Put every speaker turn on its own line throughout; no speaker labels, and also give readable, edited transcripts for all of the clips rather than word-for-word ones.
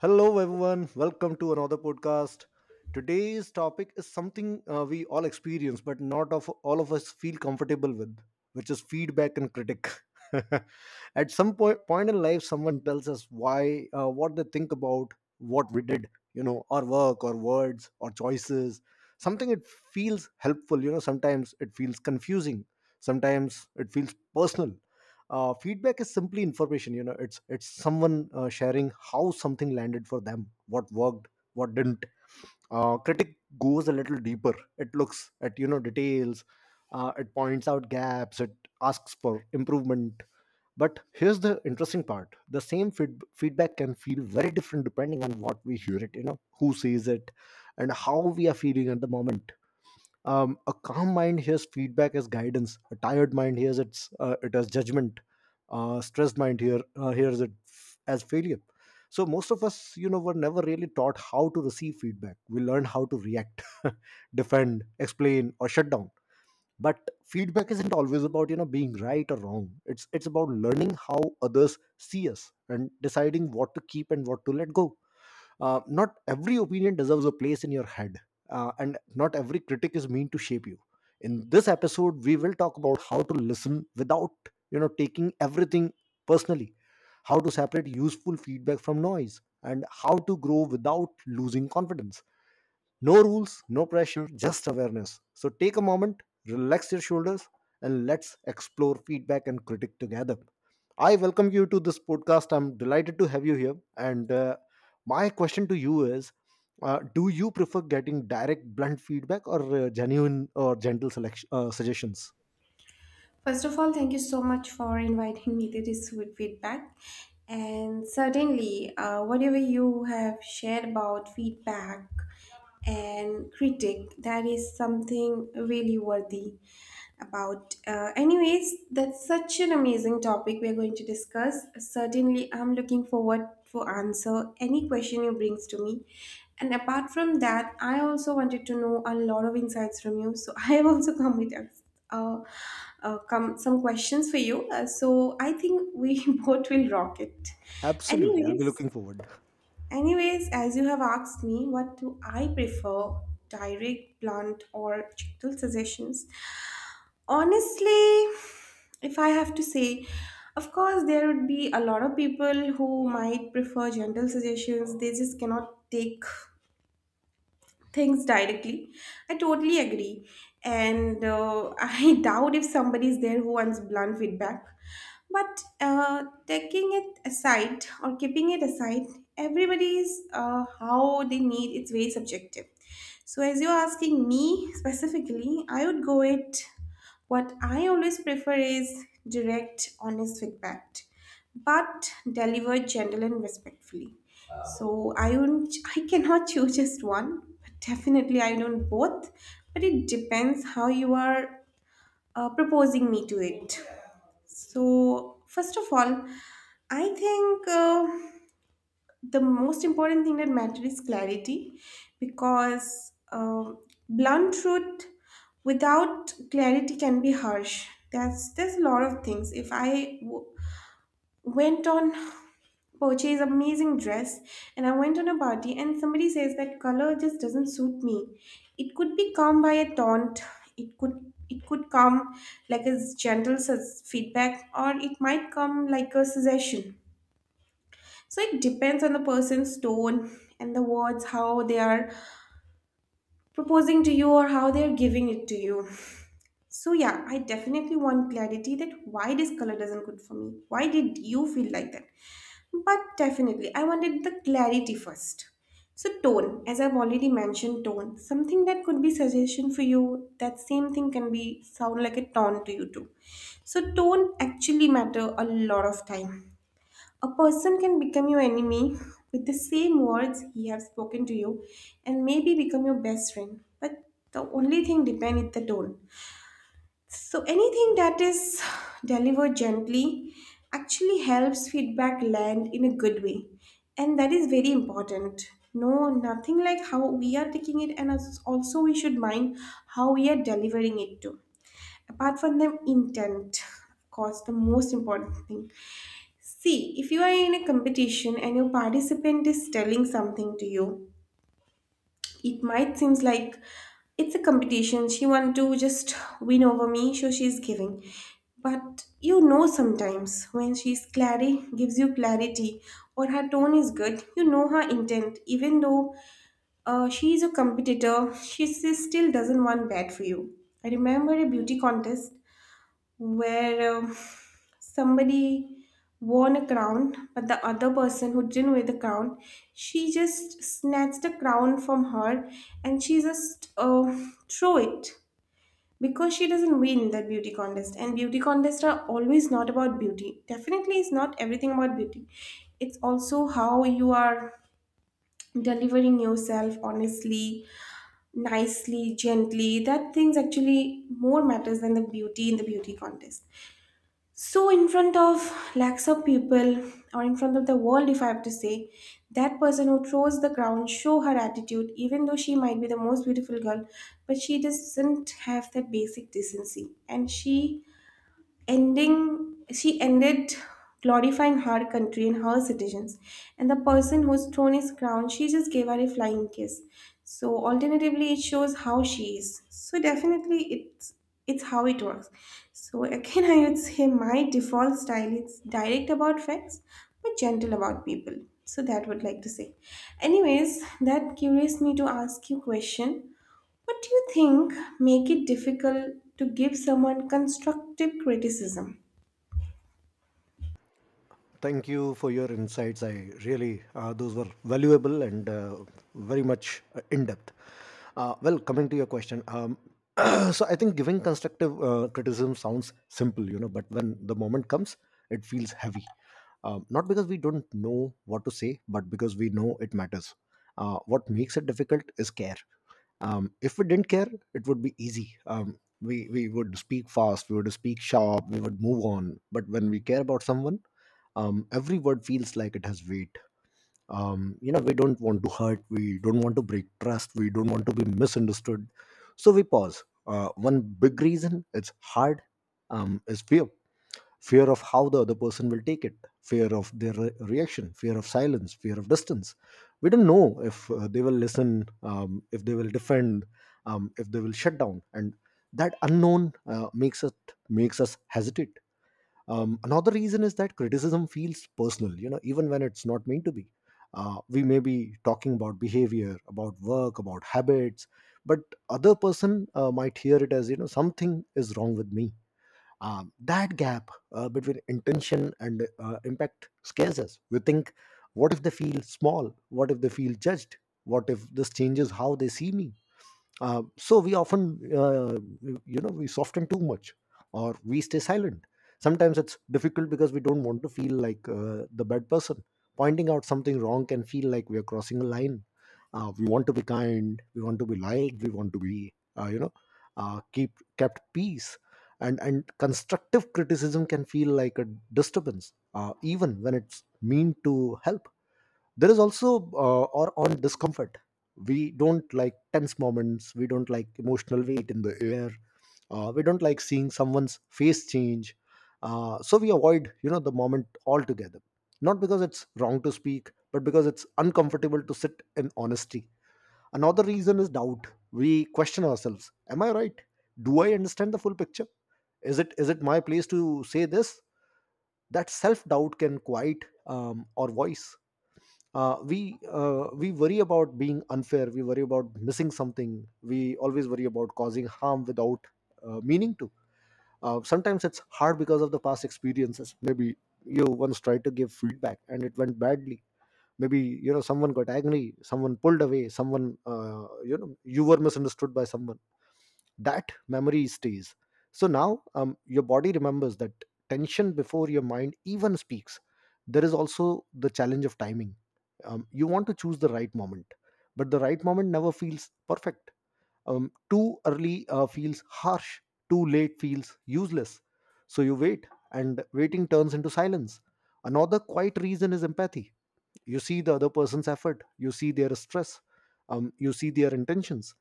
Hello, everyone. Welcome to another podcast. Today's topic is something we all experience, but not of all of us feel comfortable with, which is feedback and critic. At some point, in life, someone tells us why, what they think about what we did, you know, our work, or words, or choices. Something it feels helpful, you know. Sometimes it feels confusing. Sometimes it feels personal. Feedback is simply information, you know. It's someone sharing how something landed for them, what worked, what didn't. Critic goes a little deeper. It looks at, you know, details. It points out gaps. It asks for improvement. But here's the interesting part: the same feedback can feel very different depending on what we hear it, you know, who says it and how we are feeling at the moment. A calm mind hears feedback as guidance, a tired mind hears it as judgment, stressed mind here hears it f- as failure. So most of us, you know, were never really taught how to receive feedback. We learn how to react. Defend, explain, or shut down. But feedback isn't always about, you know, being right or wrong. It's about learning how others see us and deciding what to keep and what to let go. Not every opinion deserves a place in your head, and not every critic is meant to shape you. In this episode, we will talk about how to listen without, you know, taking everything personally, how to separate useful feedback from noise, and how to grow without losing confidence. No rules, no pressure, just awareness. So take a moment, relax your shoulders, and let's explore feedback and critique together. I welcome you to this podcast. I'm delighted to have you here. And My question to you is, do you prefer getting direct, blunt feedback or genuine or gentle selection, suggestions?
First of all, thank you so much for inviting me to this good feedback. And certainly, whatever you have shared about feedback and critic, that is something really worthy about. Anyways, that's such an amazing topic we're going to discuss. Certainly, I'm looking forward for answer any question you brings to me. And apart from that, I also wanted to know a lot of insights from you. So I have also come with us uh, come some questions for you. So I think we both will rock it.
Absolutely. I'll be
Anyways,
looking forward.
anyways, as you have asked me, what do I prefer, direct, blunt, or gentle suggestions? Honestly, if I have to say, of course, there would be a lot of people who might prefer gentle suggestions. They just cannot take things directly. I totally agree. And I doubt if somebody is there who wants blunt feedback. But taking it aside or keeping it aside, everybody's how they need it's very subjective. So, as you're asking me specifically, I would go it what I always prefer is direct, honest feedback, but delivered gentle and respectfully. So I won't, I cannot choose just one, but definitely I don't both. But it depends how you are proposing me to it. So first of all, I think the most important thing that matters is clarity, because blunt truth without clarity can be harsh. That's there's a lot of things. If I went on purchase amazing dress, and I went on a party, and somebody says that color just doesn't suit me, it could be come by a taunt. It could, it could come like a gentle feedback, or it might come like a suggestion. So it depends on the person's tone and the words, how they are proposing to you or how they are giving it to you. So yeah, I definitely want clarity, that why this color doesn't good for me, why did you feel like that. But definitely, I wanted the clarity first. So tone, as I've already mentioned, tone, something that could be suggestion for you, that same thing can be sound like a tone to you too. So tone actually matter a lot of time. A person can become your enemy with the same words he have spoken to you, and maybe become your best friend. But the only thing depend is the tone. So anything that is delivered gently actually helps feedback land in a good way. And that is very important. No, nothing like how we are taking it, and also we should mind how we are delivering it to. Apart from them, intent, of course, the most important thing. See, if you are in a competition and your participant is telling something to you, it might seems like it's a competition, she want to just win over me, so she's giving, but you know sometimes when she's clarity gives you clarity, or her tone is good, you know her intent, even though she is a competitor, she still doesn't want bad for you. I remember a beauty contest where somebody won a crown, but the other person who didn't win the crown, she just snatched the crown from her, and she just threw it because she doesn't win that beauty contest. And beauty contests are always not about beauty. Definitely, it's not everything about beauty. It's also how you are delivering yourself honestly, nicely, gently. That things actually more matters than the beauty in the beauty contest. So in front of lakhs of people, or in front of the world, if I have to say, that person who throws the crown show her attitude, even though she might be the most beautiful girl, but she doesn't have that basic decency. And she ending she ended glorifying her country and her citizens, and the person who stole his crown, she just gave her a flying kiss. So alternatively, it shows how she is. So definitely it's how it works. So again, I would say my default style is direct about facts, but gentle about people. So that would like to say. Anyways, that curious me to ask you question, what do you think make it difficult to give someone constructive criticism?
Thank you for your insights. I really, those were valuable and very much in depth. Well, coming to your question, so I think giving constructive criticism sounds simple, you know, but when the moment comes, it feels heavy. Not because we don't know what to say, but because we know it matters. What makes it difficult is care. If we didn't care, it would be easy. um, we would speak fast, we would speak sharp, we would move on. But when we care about someone, every word feels like it has weight. You know, we don't want to hurt, we don't want to break trust, we don't want to be misunderstood, so we pause. One big reason it's hard is fear. Fear of how the other person will take it, fear of their reaction, fear of silence, fear of distance. We don't know if they will listen, if they will defend, if they will shut down, and that unknown makes us hesitate. Another reason is that criticism feels personal, you know, even when it's not meant to be. We may be talking about behavior, about work, about habits, but other person might hear it as, you know, something is wrong with me. That gap between intention and impact scares us. We think, what if they feel small, what if they feel judged, what if this changes how they see me? So we often, you know, we soften too much or we stay silent. Sometimes it's difficult because we don't want to feel like the bad person. Pointing out something wrong can feel like we are crossing a line. We want to be kind, we want to be liked, we want to be, you know, keep kept peace. And constructive criticism can feel like a disturbance, even when it's mean to help. There is also or on discomfort. We don't like tense moments, we don't like emotional weight in the air, we don't like seeing someone's face change, so we avoid, you know, the moment altogether, not because it's wrong to speak, but because it's uncomfortable to sit in honesty. Another reason is doubt. We question ourselves. Am I right? Do I understand the full picture? Is it my place to say this? That self doubt can quiet our voice. We worry about being unfair, we worry about missing something, we always worry about causing harm without meaning to. Sometimes it's hard because of the past experiences. Maybe you once tried to give feedback and it went badly. Maybe, you know, someone got angry, someone pulled away, someone you know, you were misunderstood by someone. That memory stays. So now your body remembers that tension before your mind even speaks. There is also the challenge of timing. You want to choose the right moment, but the right moment never feels perfect. Too early feels harsh, too late feels useless. So you wait, and waiting turns into silence. Another quiet reason is empathy. You see the other person's effort, you see their stress, you see their intentions,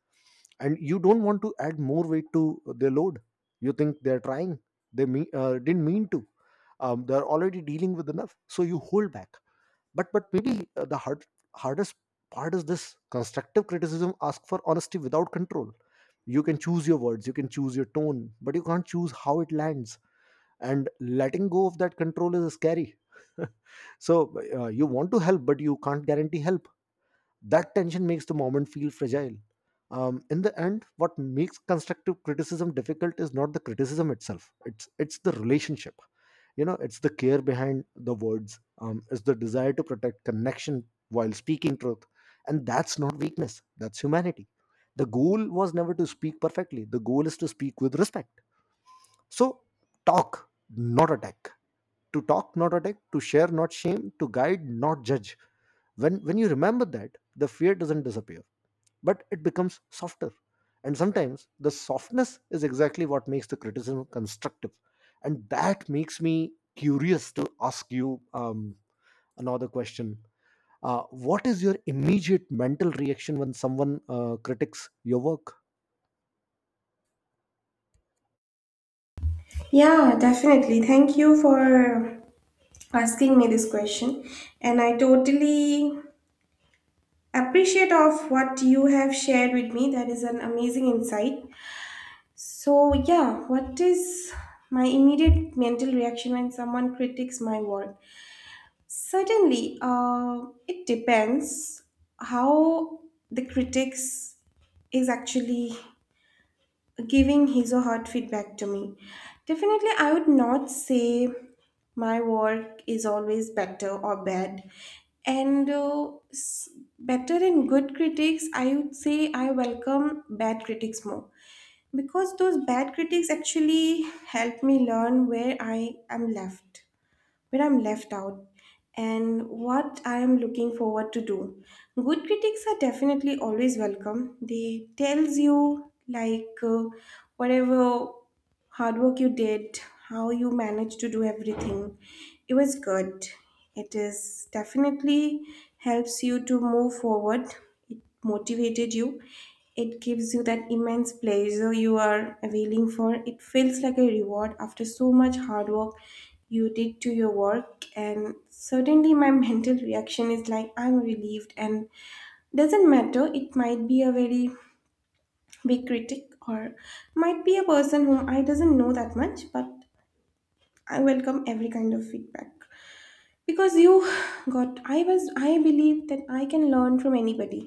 and you don't want to add more weight to their load. You think they're trying, they mean, didn't mean to. They're already dealing with enough, so you hold back. But maybe the hardest part is this: constructive criticism asks for honesty without control. You can choose your words, you can choose your tone, but you can't choose how it lands. And letting go of that control is scary. So you want to help, but you can't guarantee help. That tension makes the moment feel fragile. In the end, what makes constructive criticism difficult is not the criticism itself; it's the relationship. You know, it's the care behind the words. It's the desire to protect connection while speaking truth, and that's not weakness. That's humanity. The goal was never to speak perfectly. The goal is to speak with respect. So, talk, not attack. To talk, not attack. To share, not shame. To guide, not judge. When you remember that, the fear doesn't disappear, but it becomes softer. And sometimes the softness is exactly what makes the criticism constructive. And that makes me curious to ask you another question. What is your immediate mental reaction when someone critiques your work?
Yeah, definitely. Thank you for asking me this question. And I totally appreciate of what you have shared with me. That is an amazing insight. So, yeah, what is my immediate mental reaction when someone critiques my work? Certainly, it depends how the critics is actually giving his or her feedback to me. Definitely, I would not say my work is always better or bad. And better and good critics, I would say I welcome bad critics more, because those bad critics actually help me learn where I am left, where I'm left out, and what I am looking forward to do. Good critics are definitely always welcome. They tells you like whatever hard work you did, how you managed to do everything, it was good. It is definitely helps you to move forward. It motivated you. It gives you that immense pleasure you are availing for. It feels like a reward after so much hard work you did to your work. And certainly, my mental reaction is like, I'm relieved. And doesn't matter, it might be a very big critic, or might be a person whom I doesn't know that much, but I welcome every kind of feedback because you got I was I believe that I can learn from anybody.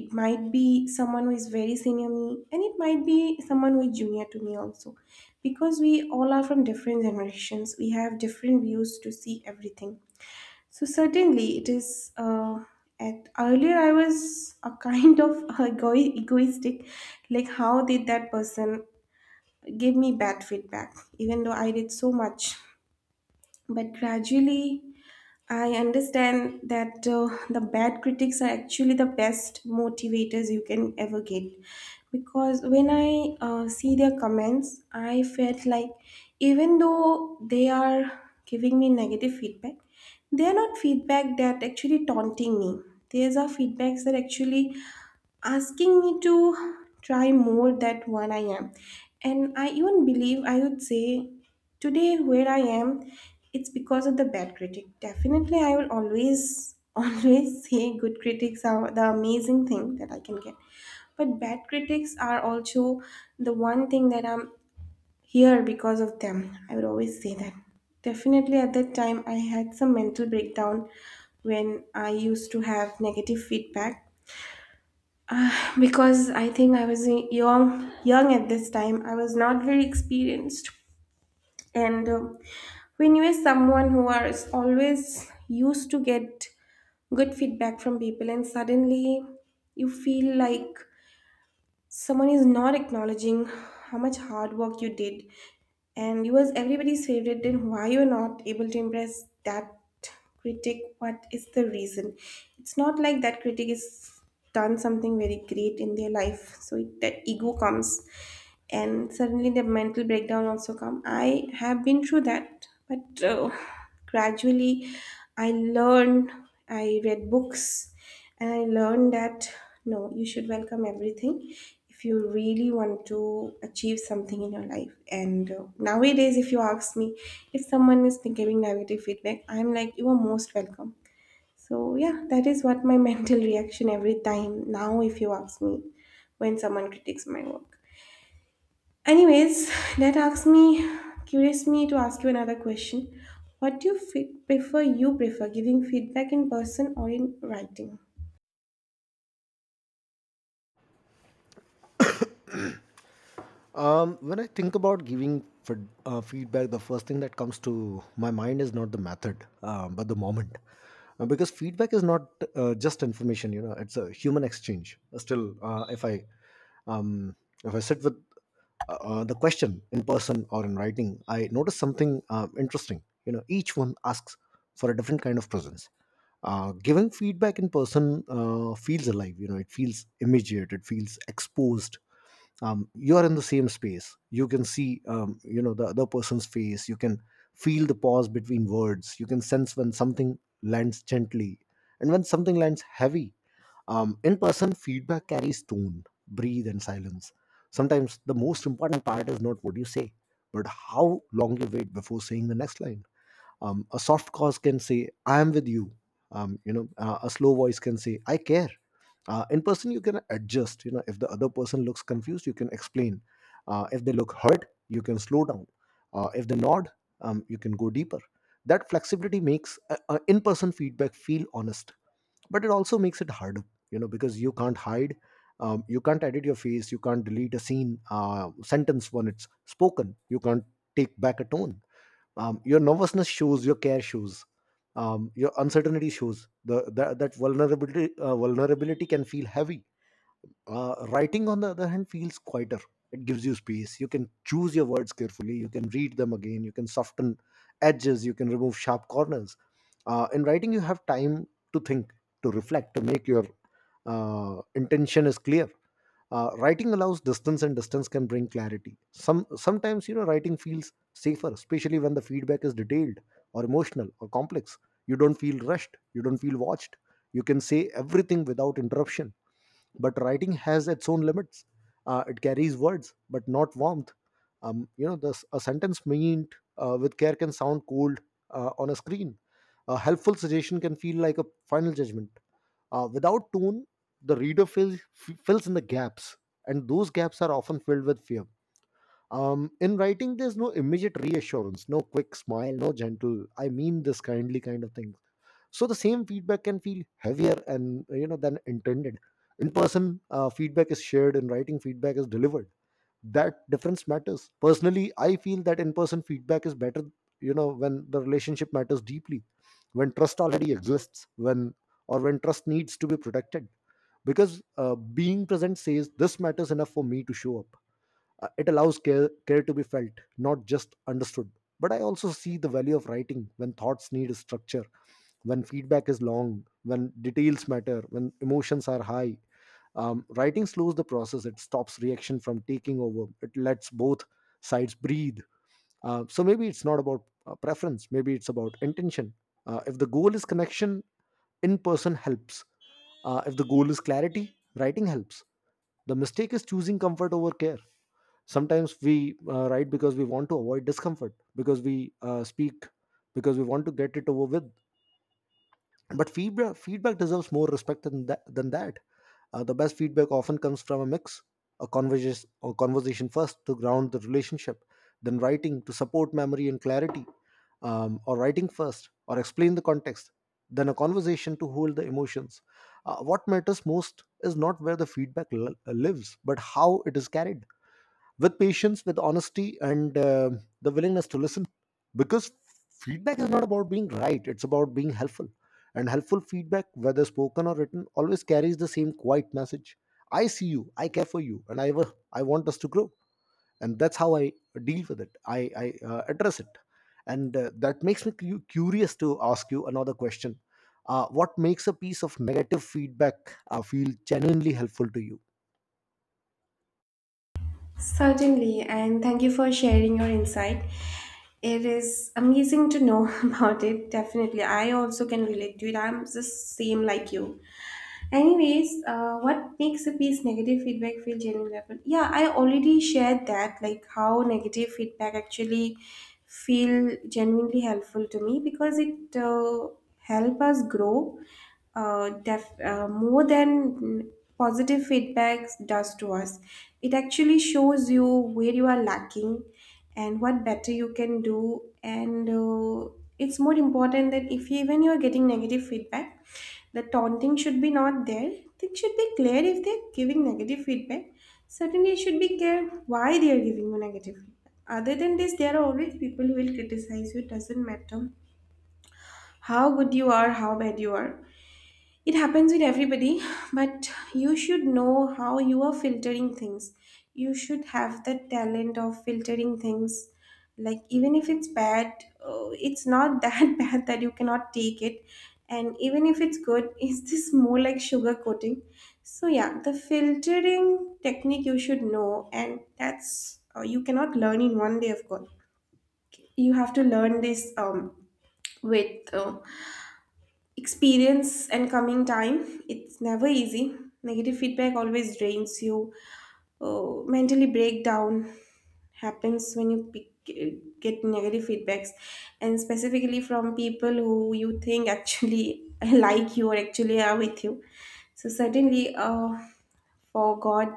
It might be someone who is very senior me, and it might be someone who is junior to me also, because we all are from different generations, we have different views to see everything. So certainly it is, at earlier I was a kind of egoistic, like how did that person give me bad feedback, even though I did so much. But gradually I understand that the bad critics are actually the best motivators you can ever get, because when I see their comments, I felt like even though they are giving me negative feedback, they are not feedback that actually taunting me. These are feedbacks that actually asking me to try more that one I am. And I even believe, I would say, today where I am, it's because of the bad critic. Definitely I will always always say good critics are the amazing thing that I can get. But bad critics are also the one thing that I'm here because of them. I would always say that. Definitely at that time I had some mental breakdown when I used to have negative feedback. Uh, because I think I was young at this time. I was not very experienced, and when you are someone who are is always used to get good feedback from people, and suddenly you feel like someone is not acknowledging how much hard work you did, and you was everybody's favorite, then why you're not able to impress that critic, what is the reason. It's not like that critic is done something very great in their life. So it, that ego comes, and suddenly the mental breakdown also come. I have been through that, but gradually I learned. I read books, and I learned that no, you should welcome everything if you really want to achieve something in your life. And nowadays if you ask me, if someone is giving negative feedback, I'm like, you are most welcome. So yeah, that is what my mental reaction every time, now if you ask me, when someone critiques my work. Anyways, that asks me, curious me to ask you another question. What do you prefer? You prefer giving feedback in person or in writing?
When I think about giving feedback, the first thing that comes to my mind is not the method, but the moment. Because feedback is not just information, you know, it's a human exchange. Still, if I um, sit with the question in person or in writing, I notice something interesting. You know, each one asks for a different kind of presence. Giving feedback in person feels alive. You know, it feels immediate. It feels exposed. You are in the same space, you can see, you know, the other person's face, you can feel the pause between words, you can sense when something lands gently and when something lands heavy. In person, feedback carries tone, breathe, and silence. Sometimes the most important part is not what you say, but how long you wait before saying the next line. A soft cause can say, I am with you. You know, a slow voice can say, I care. In person, you can adjust. You know, if the other person looks confused, you can explain. If they look hurt, you can slow down. If they nod, you can go deeper. That flexibility makes in-person feedback feel honest. But it also makes it harder, you know, because you can't hide. You can't edit your face, you can't delete a scene sentence when it's spoken, you can't take back a tone. Your nervousness shows, your care shows, your uncertainty shows the, that that vulnerability vulnerability can feel heavy. Writing, on the other hand, feels quieter. It gives you space. You can choose your words carefully, you can read them again, you can soften edges, you can remove sharp corners. In writing, you have time to think, to reflect, to make your intention is clear. Writing allows distance, and distance can bring clarity. Sometimes, you know, writing feels safer, especially when the feedback is detailed or emotional or complex. You don't feel rushed. You don't feel watched. You can say everything without interruption, but writing has its own limits. It carries words but not warmth. This a sentence meant with care can sound cold on a screen. A helpful suggestion can feel like a final judgment without tone. The reader fills in the gaps, and those gaps are often filled with fear. In writing, there's no immediate reassurance, no quick smile, no gentle I mean this kindly kind of thing. So the same feedback can feel heavier and, you know, than intended. In person, feedback is shared; in writing, feedback is delivered. That difference matters. Personally, I feel that in person feedback is better, you know, when the relationship matters deeply, when trust already exists, when or when trust needs to be protected, because being present says this matters enough for me to show up. It allows care, care to be felt, not just understood. But I also see the value of writing when thoughts need structure, when feedback is long, when details matter, when emotions are high. Writing slows the process, it stops reaction from taking over, it lets both sides breathe. So maybe it's not about preference, maybe it's about intention. If the goal is connection, in person helps. If the goal is clarity, writing helps. The mistake is choosing comfort over care. Sometimes we write because we want to avoid discomfort, because we speak because we want to get it over with, but feedback deserves more respect than that. The best feedback often comes from a mix: a conversation first to ground the relationship, then writing to support memory and clarity, or writing first or explain the context, then a conversation to hold the emotions. What matters most is not where the lives, but how it is carried, with patience, with honesty, and the willingness to listen. Because feedback is not about being right, it's about being helpful. And helpful feedback, whether spoken or written, always carries the same quiet message: I see you, I care for you, and I want us to grow. And that's how I deal with it, I address it. And that makes me curious to ask you another question. What makes a piece of negative feedback feel genuinely helpful to you?
Certainly, and thank you for sharing your insight. It is amazing to know about it. Definitely, I also can relate to it. I'm the same like you. Anyways, what makes a piece negative feedback feel genuine level? Yeah, I already shared that, like how negative feedback actually feel genuinely helpful to me, because it help us grow, more than positive feedback does to us. It actually shows you where you are lacking and what better you can do. And it's more important that if you, even you are getting negative feedback, the taunting should be not there. It should be clear if they're giving negative feedback. Certainly, it should be clear why they are giving you negative feedback. Other than this, there are always people who will criticize you. It doesn't matter how good you are, how bad you are. It happens with everybody, but you should know how you are filtering things. You should have the talent of filtering things. Like, even if it's bad, it's not that bad that you cannot take it. And even if it's good, is this more like sugar coating? So, yeah, the filtering technique you should know, and that's you cannot learn in one day, of course. You have to learn this with experience and coming time. It's never easy. Negative feedback always drains you. Mentally breakdown happens when you get negative feedbacks, and specifically from people who you think actually like you or actually are with you. So certainly for god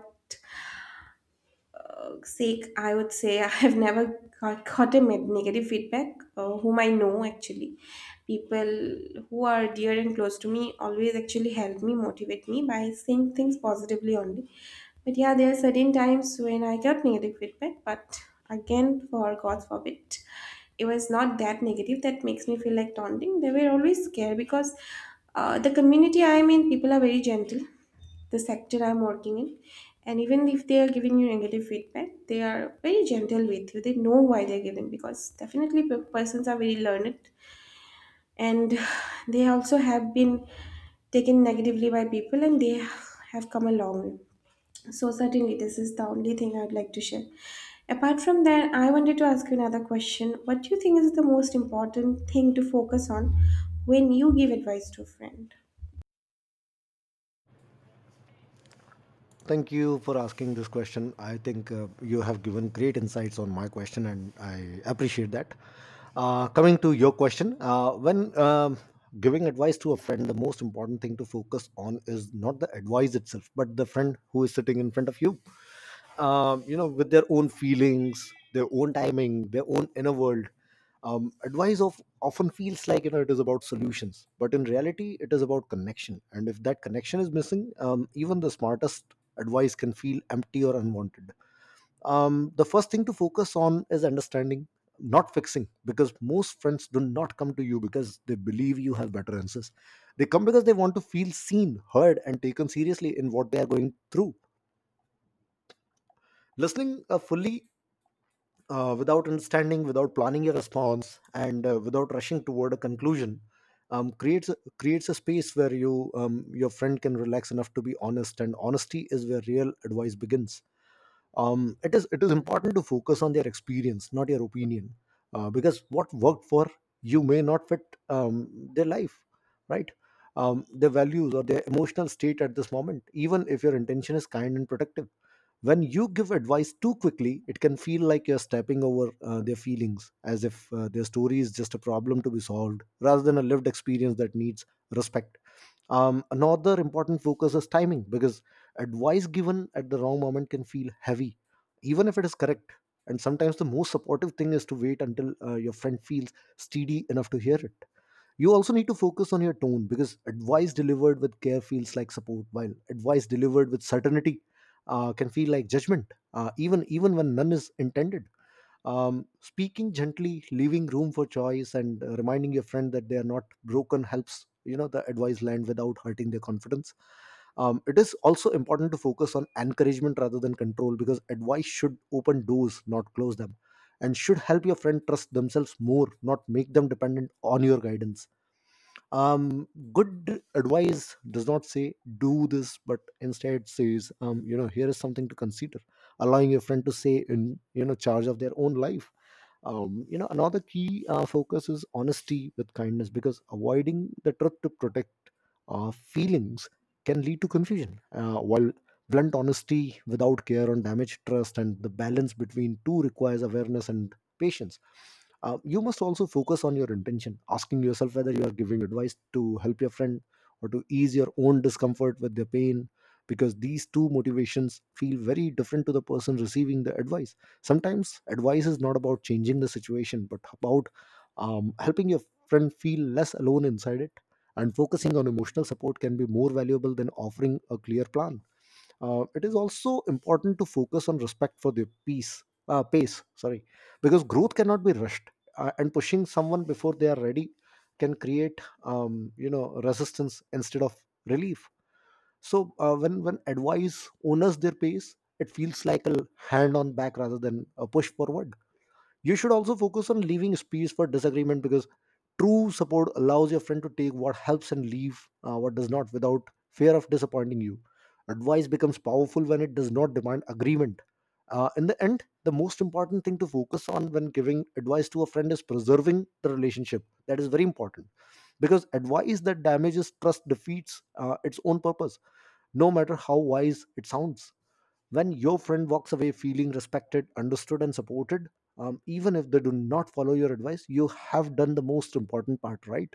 sake, I would say I have never got a negative feedback, whom I know actually. People who are dear and close to me always actually help me, motivate me by saying things positively only. But yeah, there are certain times when I got negative feedback, but again, for God forbid, it was not that negative that makes me feel like taunting. They were always scared because the community I'm in, people are very gentle, the sector I'm working in. And even if they are giving you negative feedback, they are very gentle with you. They know why they're giving, because definitely persons are very learned, and they also have been taken negatively by people, and they have come a long way. So, certainly, this is the only thing I'd like to share. Apart from that, I wanted to ask you another question. What do you think is the most important thing to focus on when you give advice to a friend?
Thank you for asking this question. I think you have given great insights on my question, and I appreciate that. Coming to your question, when giving advice to a friend, the most important thing to focus on is not the advice itself, but the friend who is sitting in front of you, you know, with their own feelings, their own timing, their own inner world. Advice of often feels like, you know, it is about solutions, but in reality, it is about connection. And if that connection is missing, even the smartest advice can feel empty or unwanted. The first thing to focus on is understanding, not fixing, because most friends do not come to you because they believe you have better answers. They come because they want to feel seen, heard, and taken seriously in what they are going through. Listening fully, without understanding, without planning your response, and without rushing toward a conclusion, creates creates a space where your friend can relax enough to be honest, and honesty is where real advice begins. It is important to focus on their experience, not your opinion, because what worked for you may not fit their life, right, their values or their emotional state at this moment, even if your intention is kind and protective. When you give advice too quickly, it can feel like you're stepping over their feelings, as if their story is just a problem to be solved rather than a lived experience that needs respect. Another important focus is timing, because advice given at the wrong moment can feel heavy, even if it is correct. And sometimes the most supportive thing is to wait until your friend feels steady enough to hear it. You also need to focus on your tone, because advice delivered with care feels like support, while advice delivered with certainty can feel like judgment, even when none is intended. Speaking gently, leaving room for choice, and reminding your friend that they are not broken helps, you know, the advice land without hurting their confidence. It is also important to focus on encouragement rather than control, because advice should open doors, not close them, and should help your friend trust themselves more, not make them dependent on your guidance. Good advice does not say do this, but instead says, you know, here is something to consider, allowing your friend to say in, you know, charge of their own life. Another key focus is honesty with kindness, because avoiding the truth to protect feelings can lead to confusion, while blunt honesty without care on damage trust, and the balance between two requires awareness and patience. You must also focus on your intention, asking yourself whether you are giving advice to help your friend or to ease your own discomfort with their pain, because these two motivations feel very different to the person receiving the advice. Sometimes advice is not about changing the situation, but about helping your friend feel less alone inside it. And focusing on emotional support can be more valuable than offering a clear plan. It is also important to focus on respect for their peace, pace, sorry, because growth cannot be rushed. And pushing someone before they are ready can create, you know, resistance instead of relief. So when advice honors their pace, it feels like a hand on back rather than a push forward. You should also focus on leaving space for disagreement, because true support allows your friend to take what helps and leave what does not without fear of disappointing you. Advice becomes powerful when it does not demand agreement. In the end, the most important thing to focus on when giving advice to a friend is preserving the relationship. That is very important, because advice that damages trust defeats its own purpose, no matter how wise it sounds. When your friend walks away feeling respected, understood, and supported, even if they do not follow your advice, you have done the most important part, right?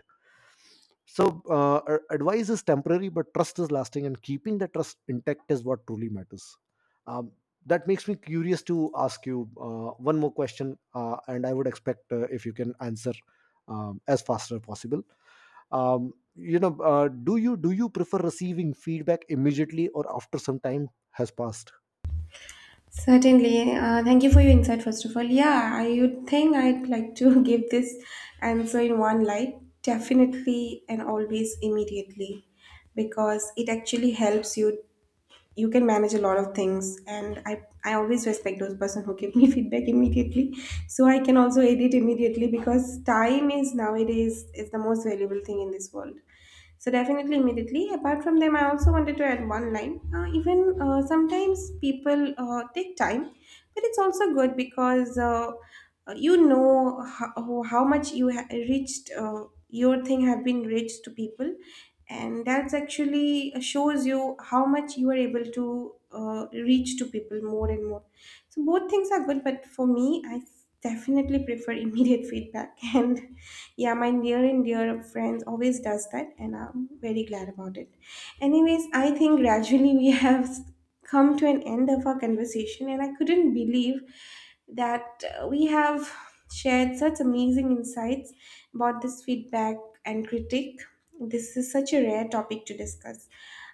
So, advice is temporary, but trust is lasting, and keeping the trust intact is what truly matters. Um, that makes me curious to ask you one more question, and I would expect if you can answer as fast as possible. Do you prefer receiving feedback immediately or after some time has passed?
Certainly. Thank you for your insight, first of all. Yeah, I would think I'd like to give this answer in one light, definitely, and always immediately, because it actually helps you. You can manage a lot of things, and I always respect those person who give me feedback immediately. So I can also edit immediately because time is nowadays is the most valuable thing in this world. So definitely immediately. Apart from them, I also wanted to add one line. Even sometimes people take time, but it's also good, because you know how much you reached, your thing have been reached to people, and that's actually shows you how much you are able to reach to people more and more. So both things are good, but for me, I definitely prefer immediate feedback. And yeah, my near and dear friends always does that, and I'm very glad about it. Anyways, I think gradually we have come to an end of our conversation, and I couldn't believe that we have shared such amazing insights about this feedback and critique. This is such a rare topic to discuss.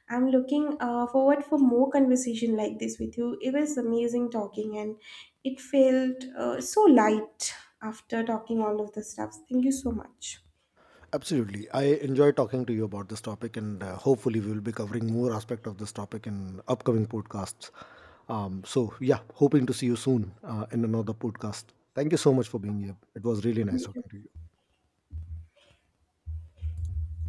I'm looking forward for more conversation like this with you. It was amazing talking, and it felt so light after talking all of the stuff. Thank you so much.
Absolutely. I enjoy talking to you about this topic, and hopefully, we will be covering more aspect of this topic in upcoming podcasts. So, yeah, hoping to see you soon in another podcast. Thank you so much for being here. It was really nice talking to you.